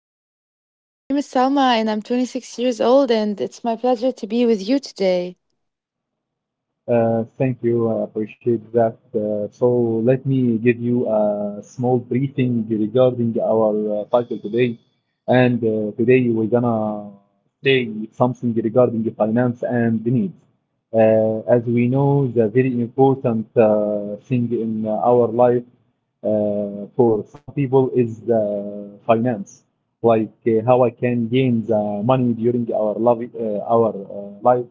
my name is Salma, and I'm 26 years old, and it's my pleasure to be with you today. Thank you. I appreciate that. So let me give you a small briefing regarding our title today. And today we're gonna say something regarding the finance and the needs. As we know, the very important thing in our life for some people is the finance, like how I can gain the money during our love, our life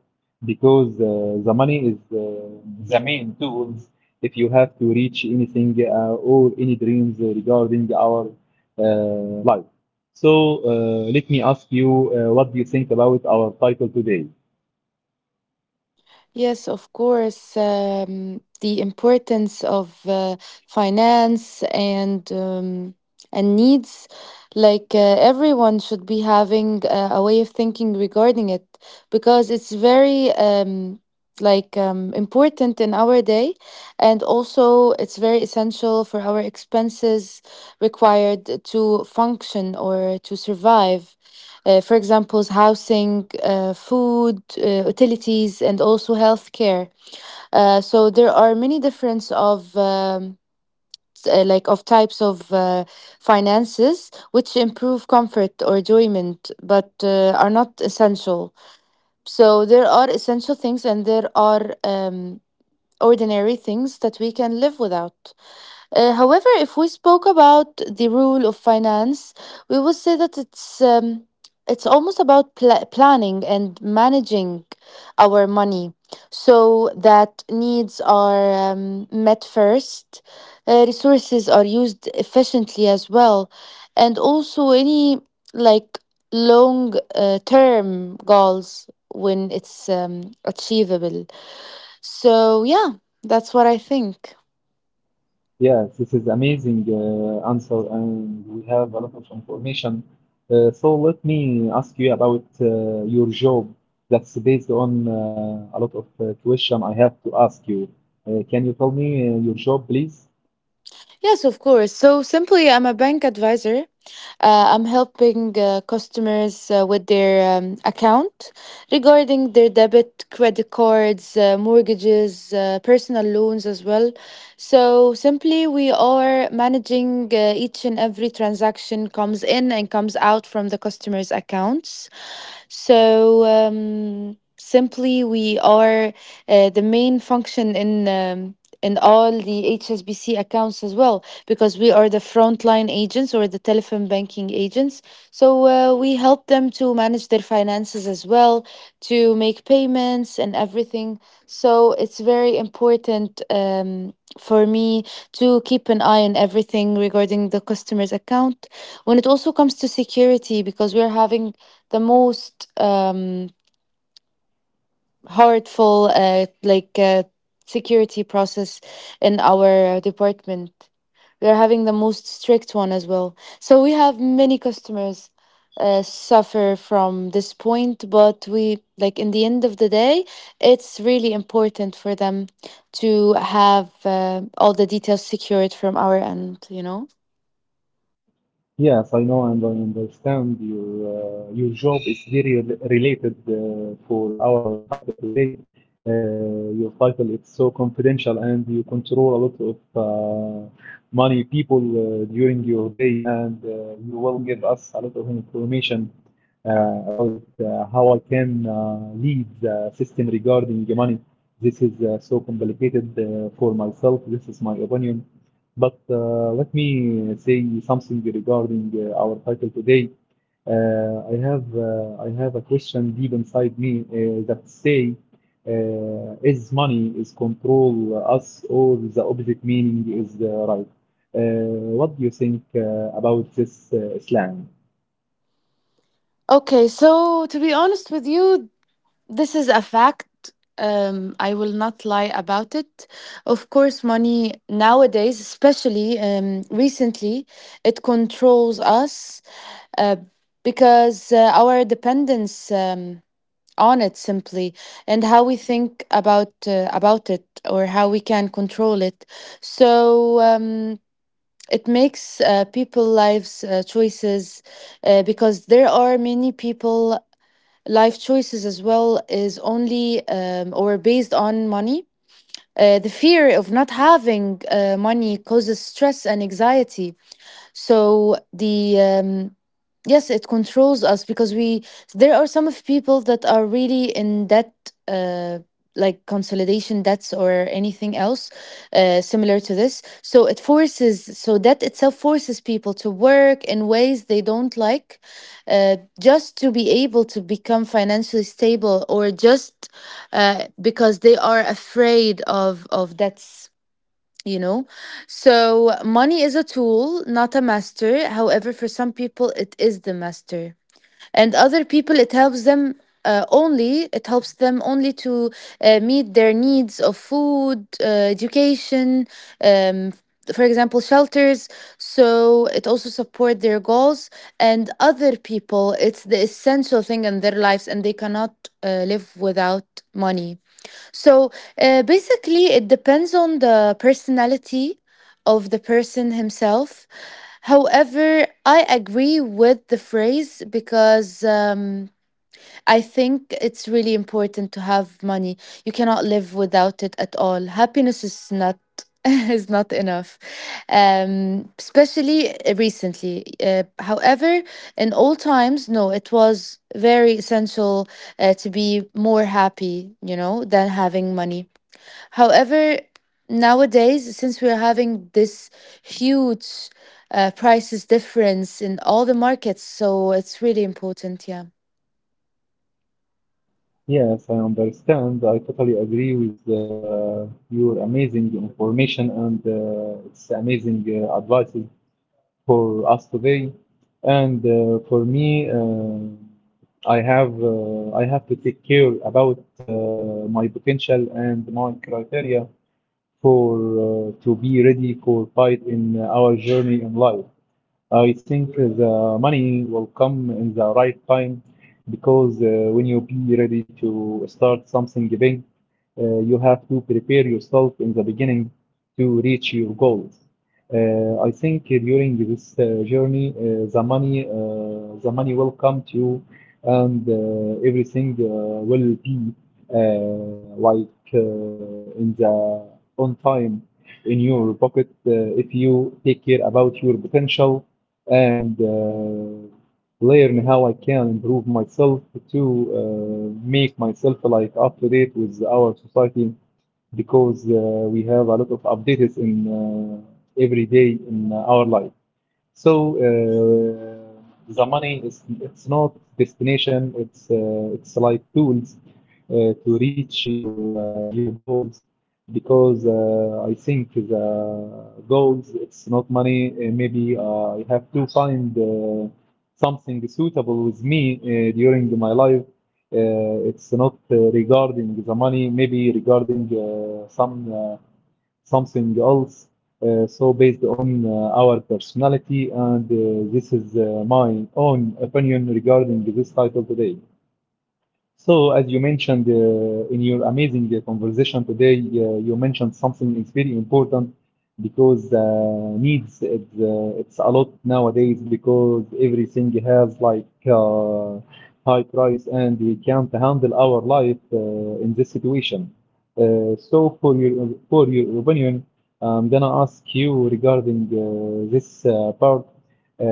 because the money is the main tools if you have to reach anything or any dreams regarding our uh, life. So let me ask you, what do you think about our title today? Yes, of course. The importance of finance and needs, like everyone should be having a way of thinking regarding it, because it's very important in our day, and also it's very essential for our expenses required to function or to survive, for example, housing, food, utilities, and also healthcare. So there are many difference of like of types of finances which improve comfort or enjoyment, but are not essential. So there are essential things, and there are ordinary things that we can live without. However, if we spoke about the rule of finance, we would say that it's almost about planning and managing our money so that needs are met first, resources are used efficiently as well, and also any like long term goals when it's achievable. So yeah, that's what I think. Yes, this is amazing answer, and we have a lot of information. So let me ask you about your job. That's based on a lot of question I have to ask you. Can you tell me your job, please? Yes, of course. So simply, I'm a bank advisor. I'm helping customers with their account regarding their debit, credit cards, mortgages, personal loans as well. So simply, we are managing each and every transaction comes in and comes out from the customer's accounts. Simply, we are the main function in. And all the HSBC accounts as well, because we are the frontline agents or the telephone banking agents. So we help them to manage their finances as well, to make payments and everything. So it's very important for me to keep an eye on everything regarding the customer's account. When it also comes to security, because we're having the most. Hurtful security process in our department, we are having the most strict one as well. So we have many customers suffer from this point, but we, like, in the end of the day it's really important for them to have all the details secured from our end, you know. Yes, I know and I understand your job is very related for our title today. Uh, your title is so confidential, and you control a lot of uh, money people during your day, and you will give us a lot of information about how I can lead the system regarding the money. This is so complicated for myself. This is my opinion. But let me say something regarding our title today. I have a question deep inside me that say, is money is control us, or the opposite meaning is right? Uh, what do you think about this slang? Okay, so to be honest with you, this is a fact. I will not lie about it. Of course, money nowadays, especially recently, it controls us uh, because our dependence on it simply, and how we think about it or how we can control it. So it makes people lives choices because there are many people life choices as well is only or based on money. The fear of not having money causes stress and anxiety. So the yes, it controls us because we, there are some of people that are really in debt, uh like consolidation debts or anything else similar to this, so it forces, so that itself forces people to work in ways they don't like, just to be able to become financially stable, or just because they are afraid of debts, you know. So money is a tool, not a master. However, for some people it is the master, and other people it helps them, only it helps them only to meet their needs of food, education, um, for example shelters, so it also support their goals. And other people, it's the essential thing in their lives and they cannot live without money. So basically, it depends on the personality of the person himself. However, I agree with the phrase because. I think it's really important to have money. You cannot live without it at all. Happiness is not is not enough, especially recently. However, in old times, no, it was very essential to be more happy, you know, than having money. However, nowadays, since we're having this huge prices difference in all the markets, so it's really important, yeah. Yes, I understand. I totally agree with your amazing information, and it's amazing advices for us today. And for me, I have to take care about my potential and my criteria for to be ready for fight in our journey in life. I think the money will come in the right time because when you be ready to start something big, you have to prepare yourself in the beginning to reach your goals. I think during this journey, the money will come to you, and everything will be uh, like in the on time in your pocket if you take care about your potential, and learn how I can improve myself to make myself like up to date with our society because we have a lot of updates in every day in our life. So the money is it's not destination. It's like tools to reach your goals because I think the goals it's not money. Maybe I have to find something suitable with me during my life. It's not regarding the money. Maybe regarding something else. So based on our personality, and this is my own opinion regarding this title today. So, as you mentioned in your amazing conversation today, you mentioned something is very important because needs it's a lot nowadays because everything has like high price, and we can't handle our life in this situation. So, for your opinion, I'm gonna ask you regarding this part, uh,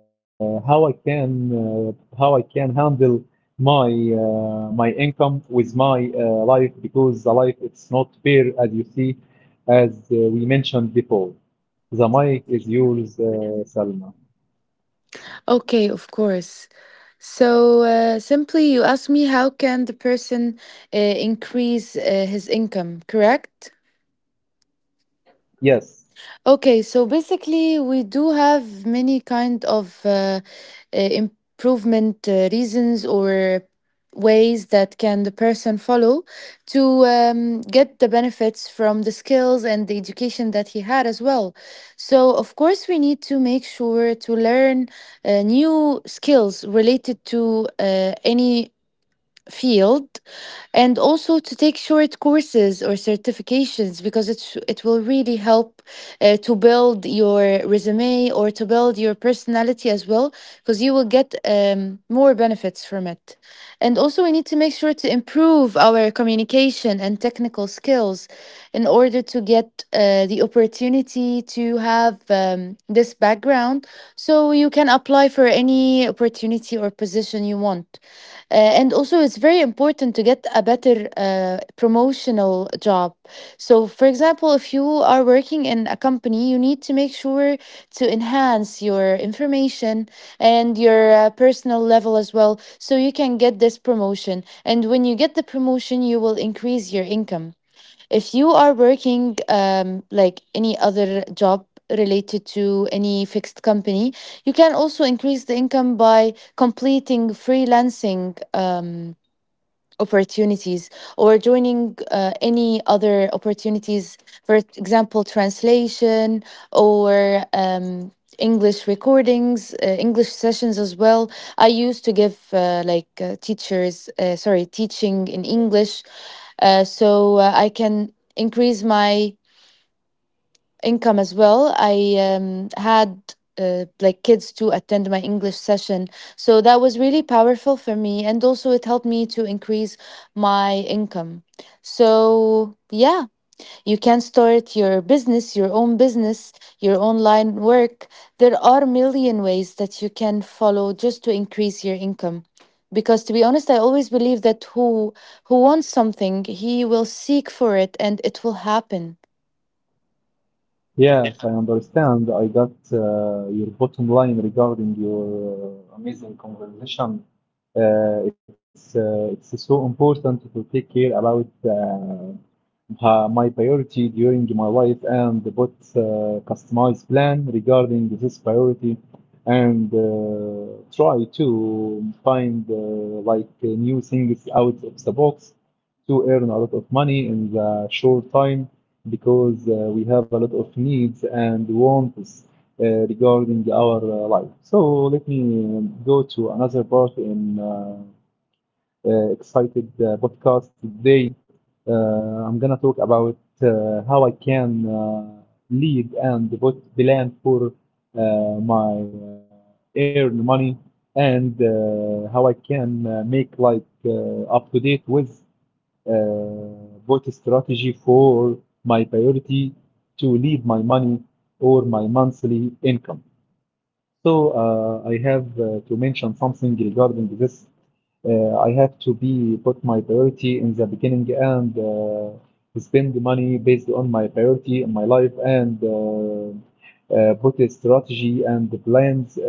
how I can uh, how I can handle my my income with my life because the life it's not fair as you see, as we mentioned before. The mic is yours, Salma. Okay, of course. So simply, you ask me how can the person increase his income, correct? Yes. Okay, so basically, we do have many kind of improvement reasons or ways that can the person follow to get the benefits from the skills and the education that he had as well. So, of course, we need to make sure to learn new skills related to any field, and also to take short courses or certifications because it will really help to build your resume or to build your personality as well, because you will get more benefits from it. And also we need to make sure to improve our communication and technical skills in order to get the opportunity to have this background, so you can apply for any opportunity or position you want. Uh, and also, it's very important to get a better promotional job. So, for example, if you are working in a company, you need to make sure to enhance your information and your personal level as well, so you can get this promotion. And when you get the promotion, you will increase your income. If you are working like any other job related to any fixed company, you can also increase the income by completing freelancing opportunities or joining any other opportunities, for example translation, or english recordings, english sessions as well. I used to give like teachers sorry teaching in english, I can increase my income as well. I had like kids to attend my English session. So that was really powerful for me. And also, it helped me to increase my income. So, yeah, you can start your business, your own business, your online work. There are a million ways that you can follow just to increase your income. Because to be honest, I always believe that who wants something, he will seek for it and it will happen. Yes, I understand. I got your bottom line regarding your amazing conversation. It's so important to take care about my priority during my life, and what customized plan regarding this priority, and try to find like new things out of the box to earn a lot of money in the short time because we have a lot of needs and wants uh, regarding our life. So let me go to another part in excited podcast today. Uh, I'm gonna talk about how I can lead and what plan for uh, my earn money, and how I can make like up to date with uh, what strategy for my priority to lead my money or my monthly income. So I have to mention something regarding this. I have to be put my priority in the beginning, and spend money based on my priority in my life, and put a strategy and the plans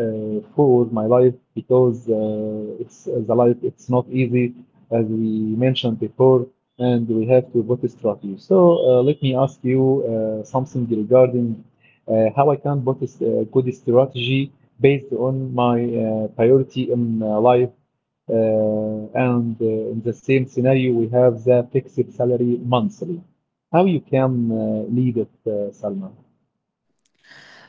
for my life because it's the life it's not easy as we mentioned before, and we have to put a strategy. So let me ask you something regarding how I can put a good strategy based on my priority in life. Uh, and in the same scenario, we have the fixed salary monthly. How you can lead it, Salma?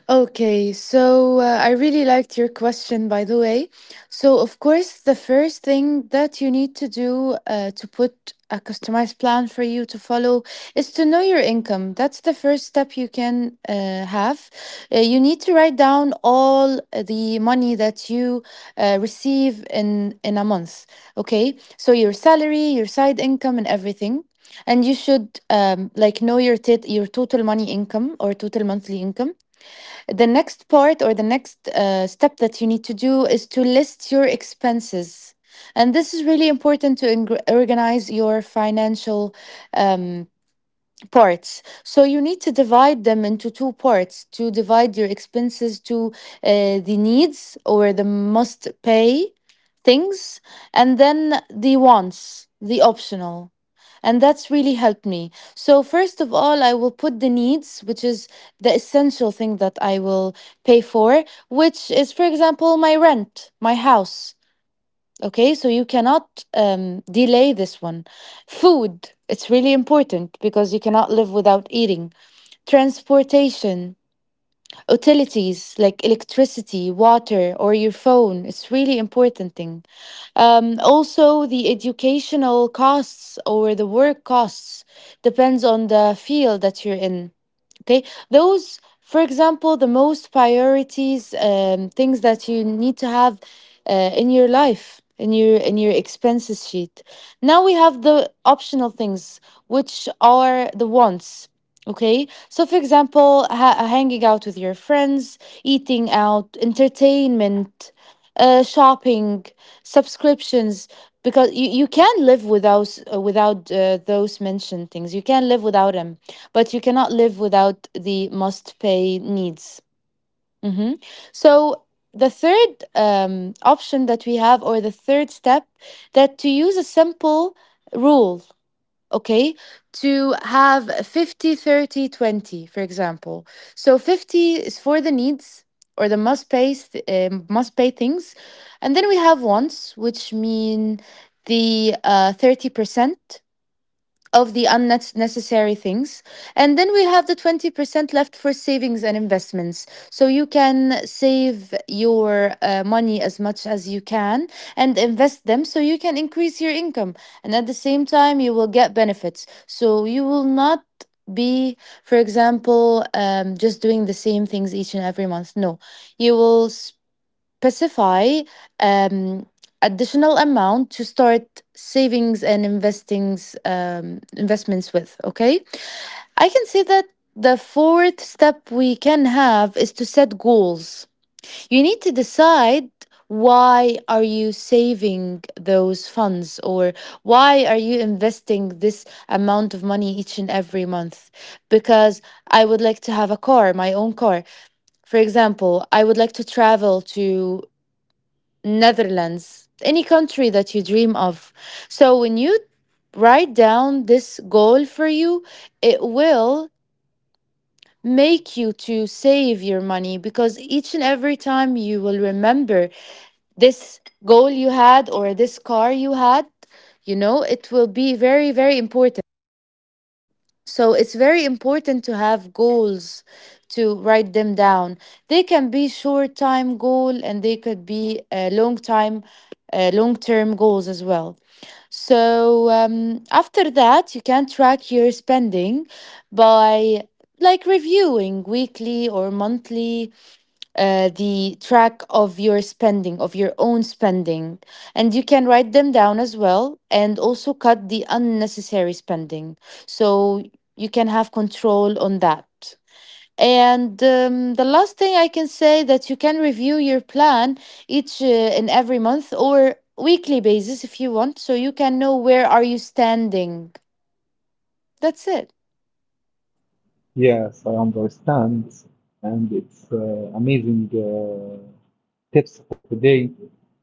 Okay, so I really liked your question, by the way. So, of course, the first thing that you need to do to put a customized plan for you to follow is to know your income. That's the first step you can have. You need to write down all the money that you receive in a month. Okay, so your salary, your side income, and everything. And you should like know your your total money income, or total monthly income. The next part, or the next step that you need to do is to list your expenses, and this is really important to organize your financial um, parts. So you need to divide them into two parts. To divide your expenses to the needs, or the must pay things, and then the wants, the optional. And that's really helped me. So first of all, I will put the needs, which is the essential thing that I will pay for, which is, for example, my rent, my house. Okay, so you cannot delay this one. Food, it's really important because you cannot live without eating. Transportation, utilities like electricity, water, or your phone, it's really important thing. Also, the educational costs or the work costs depends on the field that you're in. Okay, those for example the most priorities things that you need to have in your life, in your expenses sheet. Now we have the optional things, which are the wants. Okay, so for example, hanging out with your friends, eating out, entertainment, shopping, subscriptions, because you can live without, those mentioned things, you can live without them, but you cannot live without the must pay needs. Mhm. So, the third option that we have, or the third step, that to use a simple rule, okay, to have 50, 30, 20, for example. So, 50 is for the needs or the must pay, things. And then we have wants, which mean the 30% of the unnecessary things. And then we have the 20% left for savings and investments. So you can save your money as much as you can and invest them so you can increase your income. And at the same time, you will get benefits. So you will not be, for example, just doing the same things each and every month. No, you will specify um, additional amount to start savings and investings investments with. Okay, I can say that the fourth step we can have is to set goals. You need to decide why are you saving those funds, or why are you investing this amount of money each and every month. Because I would like to have a car, my own car, for example. I would like to travel to Netherlands, any country that you dream of. So when you write down this goal for you, it will make you to save your money, because each and every time you will remember this goal you had or this car you had, it will be very, very important. So it's very important to have goals, to write them down. They can be short time goal and they could be long time long term goals as well. So after that you can track your spending by like reviewing weekly or monthly, the track of your spending, of your own spending. And you can write them down as well, and also cut the unnecessary spending. So you can have control on that. And the last thing I can say that you can review your plan each and every month or weekly basis if you want, so you can know where are you standing. That's it. Yes, I understand, and it's amazing tips for today.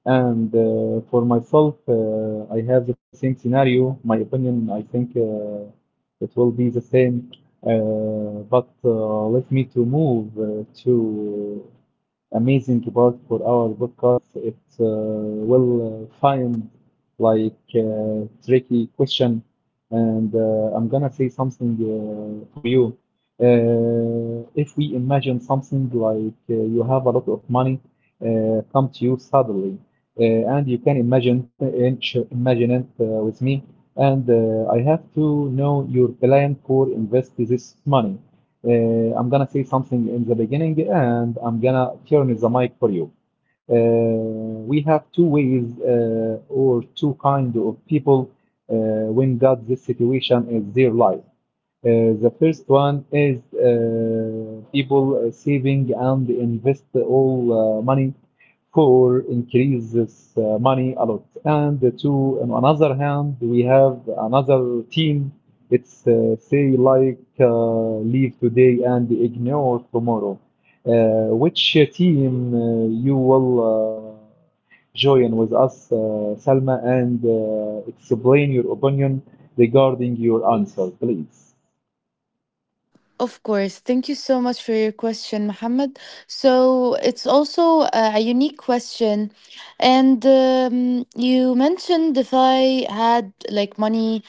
And for myself, I have the same scenario. My opinion, I think it will be the same. But let me to move to amazing part for our podcast. It will find like tricky question, and I'm gonna say something for you. If we imagine something like you have a lot of money come to you suddenly, and you can imagine it with me, and I have to know your plan for invest this money. I'm gonna say something in the beginning, and I'm gonna turn the mic for you. Uh, we have two ways or two kind of people when got this situation in their life. The first one is people saving and invest all money for increase this money a lot. And to on another hand, we have another team. It's say like leave today and ignore tomorrow. Which team you will join with us, Salma, and explain your opinion regarding your answer, please? Of course. Thank you so much for your question, Mohammed. So it's also a unique question. And you mentioned if I had like money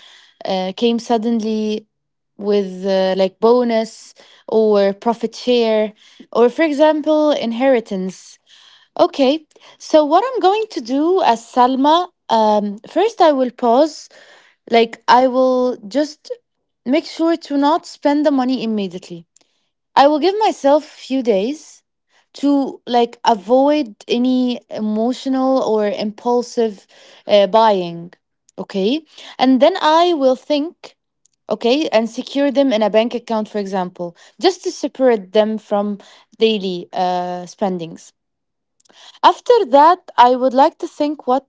came suddenly with like bonus or profit share, or for example, inheritance. Okay, so what I'm going to do as Salma, first I will pause. Like, I will just make sure to not spend the money immediately. I will give myself few days to like avoid any emotional or impulsive buying. Okay, and then I will think. Okay, and secure them in a bank account, for example, just to separate them from daily spendings. After that, I would like to think what,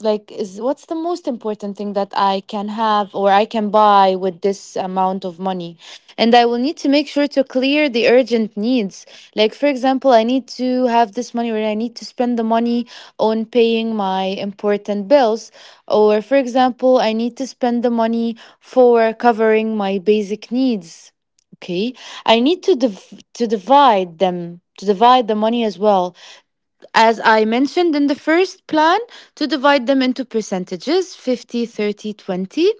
like, is, what's the most important thing that I can have or I can buy with this amount of money. And I will need to make sure to clear the urgent needs, like for example, I need to have this money or I need to spend the money on paying my important bills, or for example, I need to spend the money for covering my basic needs. Okay, I need to divide them, to divide the money as well, as I mentioned in the first plan, to divide them into percentages 50, 30, 20.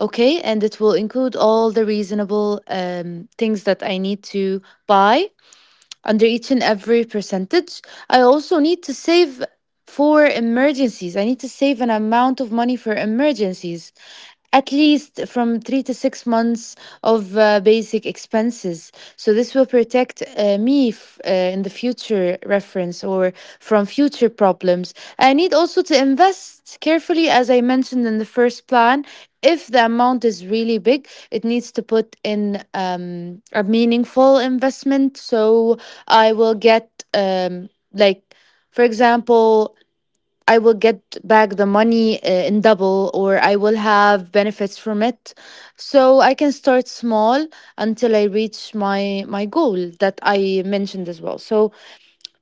Okay, and it will include all the reasonable things that I need to buy under each and every percentage. I also need to save for emergencies. I need to save an amount of money for emergencies, at least from 3 to 6 months of basic expenses. So this will protect me in the future reference or from future problems. I need also to invest carefully, as I mentioned in the first plan. If the amount is really big, it needs to put in a meaningful investment. So I will get like, for example, I will get back the money in double, or I will have benefits from it, so I can start small until I reach my goal that I mentioned as well. So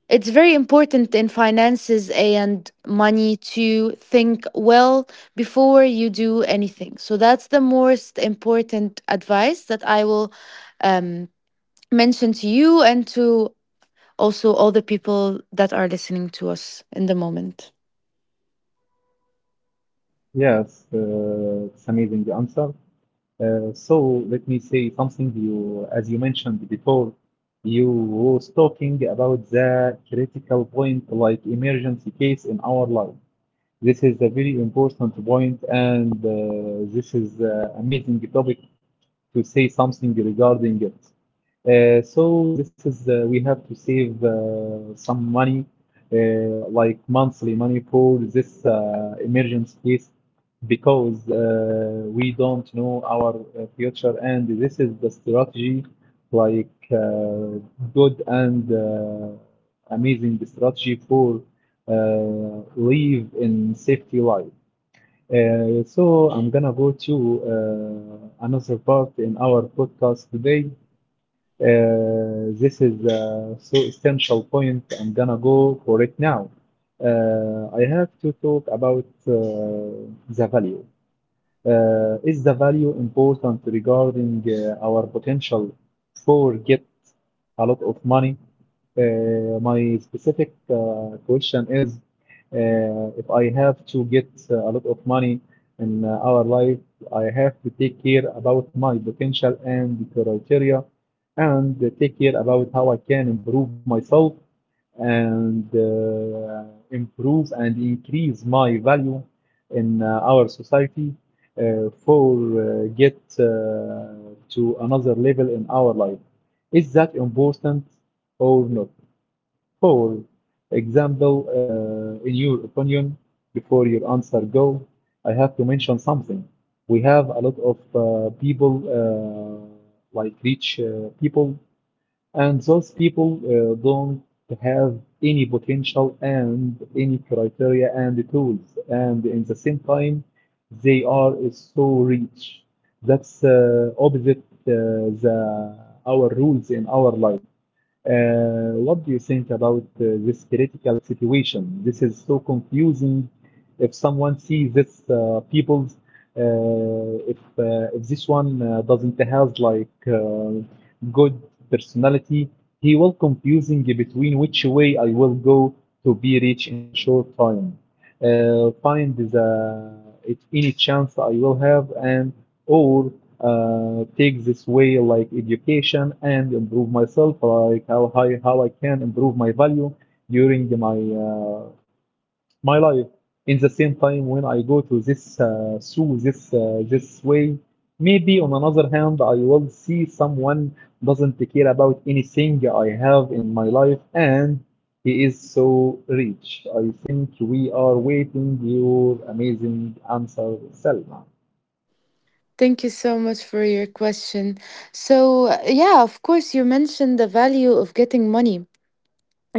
it's very important in finances and money to think well before you do anything. So that's the most important advice that I will um mention to you, and to also all the people that are listening to us in the moment. Yes, it's amazing answer. So let me say something. You, as you mentioned before, you was talking about the critical point, like emergency case in our life. This is a very important point, and this is amazing topic to say something regarding it. So this is we have to save some money, uh, like monthly money for this emergency case because we don't know our future, and this is the strategy like good and amazing strategy for uh, live in safety life. So I'm gonna go to another part in our podcast today. This is so essential point. I'm gonna go for it now. I have to talk about the value. Is the value important regarding our potential for get a lot of money? My specific question is, if I have to get a lot of money in our life, I have to take care about my potential and criteria, and take care about how I can improve myself, and improve and increase my value in our society for get to another level in our life. Is that important or not? For example, in your opinion, before your answer go, I have to mention something. We have a lot of people, like rich people, and those people don't have any potential and any criteria and tools. And in the same time, they are so rich. That's opposite the our rules in our life. What do you think about this critical situation? This is so confusing. If someone sees this people's, if this one doesn't have like good personality, he will confusing between which way I will go to be rich in the short time. Find the it any chance I will have and or take this way like education and improve myself like how I can improve my value during my my life. In the same time, when I go to this through this this way, maybe on another hand, I will see someone doesn't care about anything I have in my life, and he is so rich. I think we are waiting your amazing answer, Selma. Thank you so much for your question. So, yeah, of course, you mentioned the value of getting money.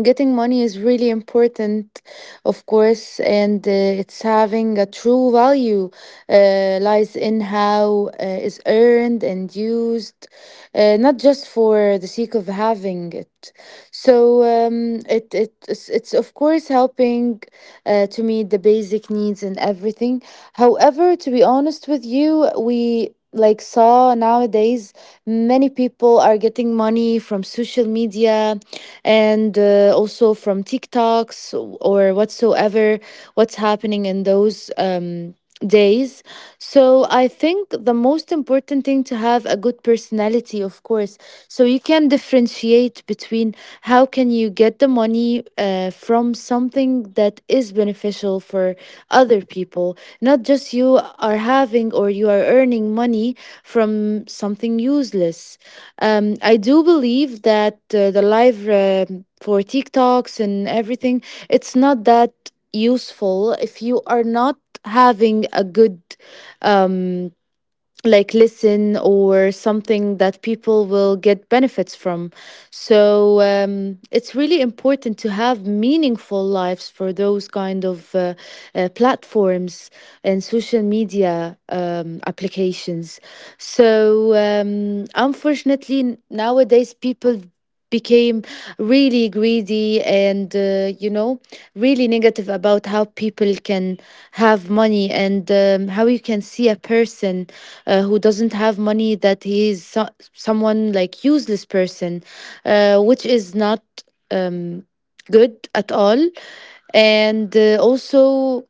Getting money is really important, of course, and it's having a true value lies in how is earned and used, not just for the sake of having it. So it's of course helping to meet the basic needs and everything. However, to be honest with you, we like saw nowadays many people are getting money from social media, and also from TikToks or whatsoever, what's happening in those days. So I think the most important thing to have a good personality, of course. So you can differentiate between how can you get the money from something that is beneficial for other people, not just you are having or you are earning money from something useless. I do believe that the live for TikToks and everything, it's not that useful if you are not having a good um, like listen or something that people will get benefits from. So it's really important to have meaningful lives for those kind of platforms and social media applications. So unfortunately, nowadays people became really greedy, and really negative about how people can have money, and how you can see a person who doesn't have money, that he is someone like useless person, which is not um, good at all. And also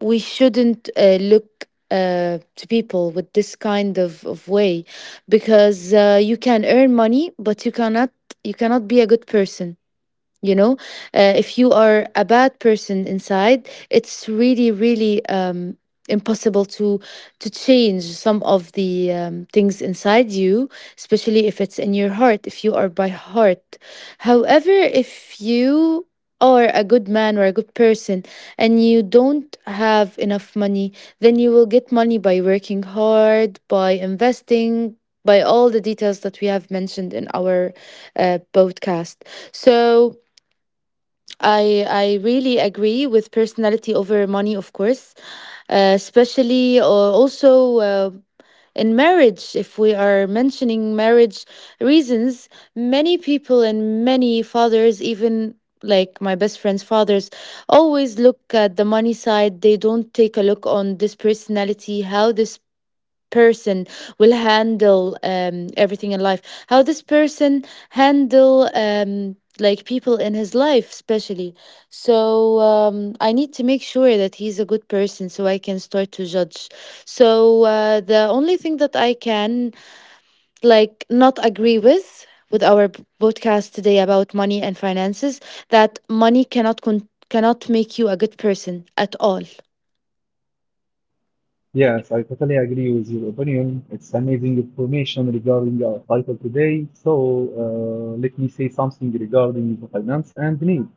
we shouldn't look to people with this kind of way, because you can earn money but you cannot, you cannot be a good person, you know. If you are a bad person inside, it's really really impossible to change some of the things inside you, especially if it's in your heart, if you are by heart. However, if you are a good man or a good person, and you don't have enough money, then you will get money by working hard, by investing, by all the details that we have mentioned in our podcast. So I really agree with personality over money, of course, especially also in marriage. If we are mentioning marriage reasons, many people and many fathers, even like my best friend's fathers, always look at the money side. They don't take a look on this personality, how this person will handle everything in life, how this person handle like people in his life especially. So I need to make sure that he's a good person so I can start to judge. So the only thing that I can like not agree with our podcast today about money and finances, that money cannot cannot make you a good person at all. Yes, I totally agree with your opinion. It's amazing information regarding our title today. So let me say something regarding the finance and need.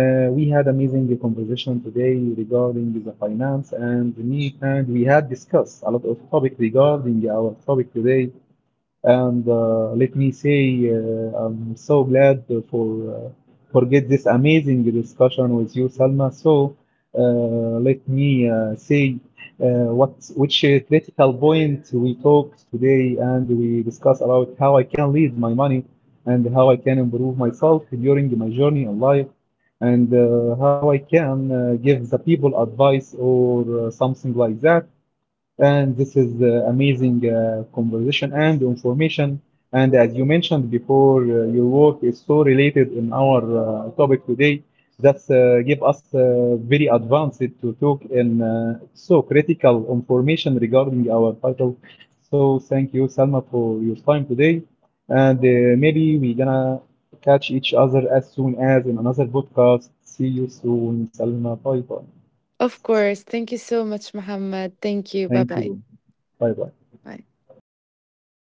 We had amazing conversation today regarding the finance and the need, and we had discussed a lot of topic regarding our topic today, and let me say, I'm so glad for uh, for get this amazing discussion with you, Salma. So let me say what which critical point we talked today, and we discuss about how I can lead my money, and how I can improve myself during my journey in life, and how I can give the people advice or something like that. And this is amazing conversation and information. And as you mentioned before, your work is so related in our topic today. That's give us very advanced to talk in so critical information regarding our title. So thank you, Salma, for your time today. And maybe we're gonna catch each other as soon as in another podcast. See you soon, Salma. Bye bye. Of course, thank you so much, Muhammad. Thank you. Bye Thank bye. you. Bye bye. Bye.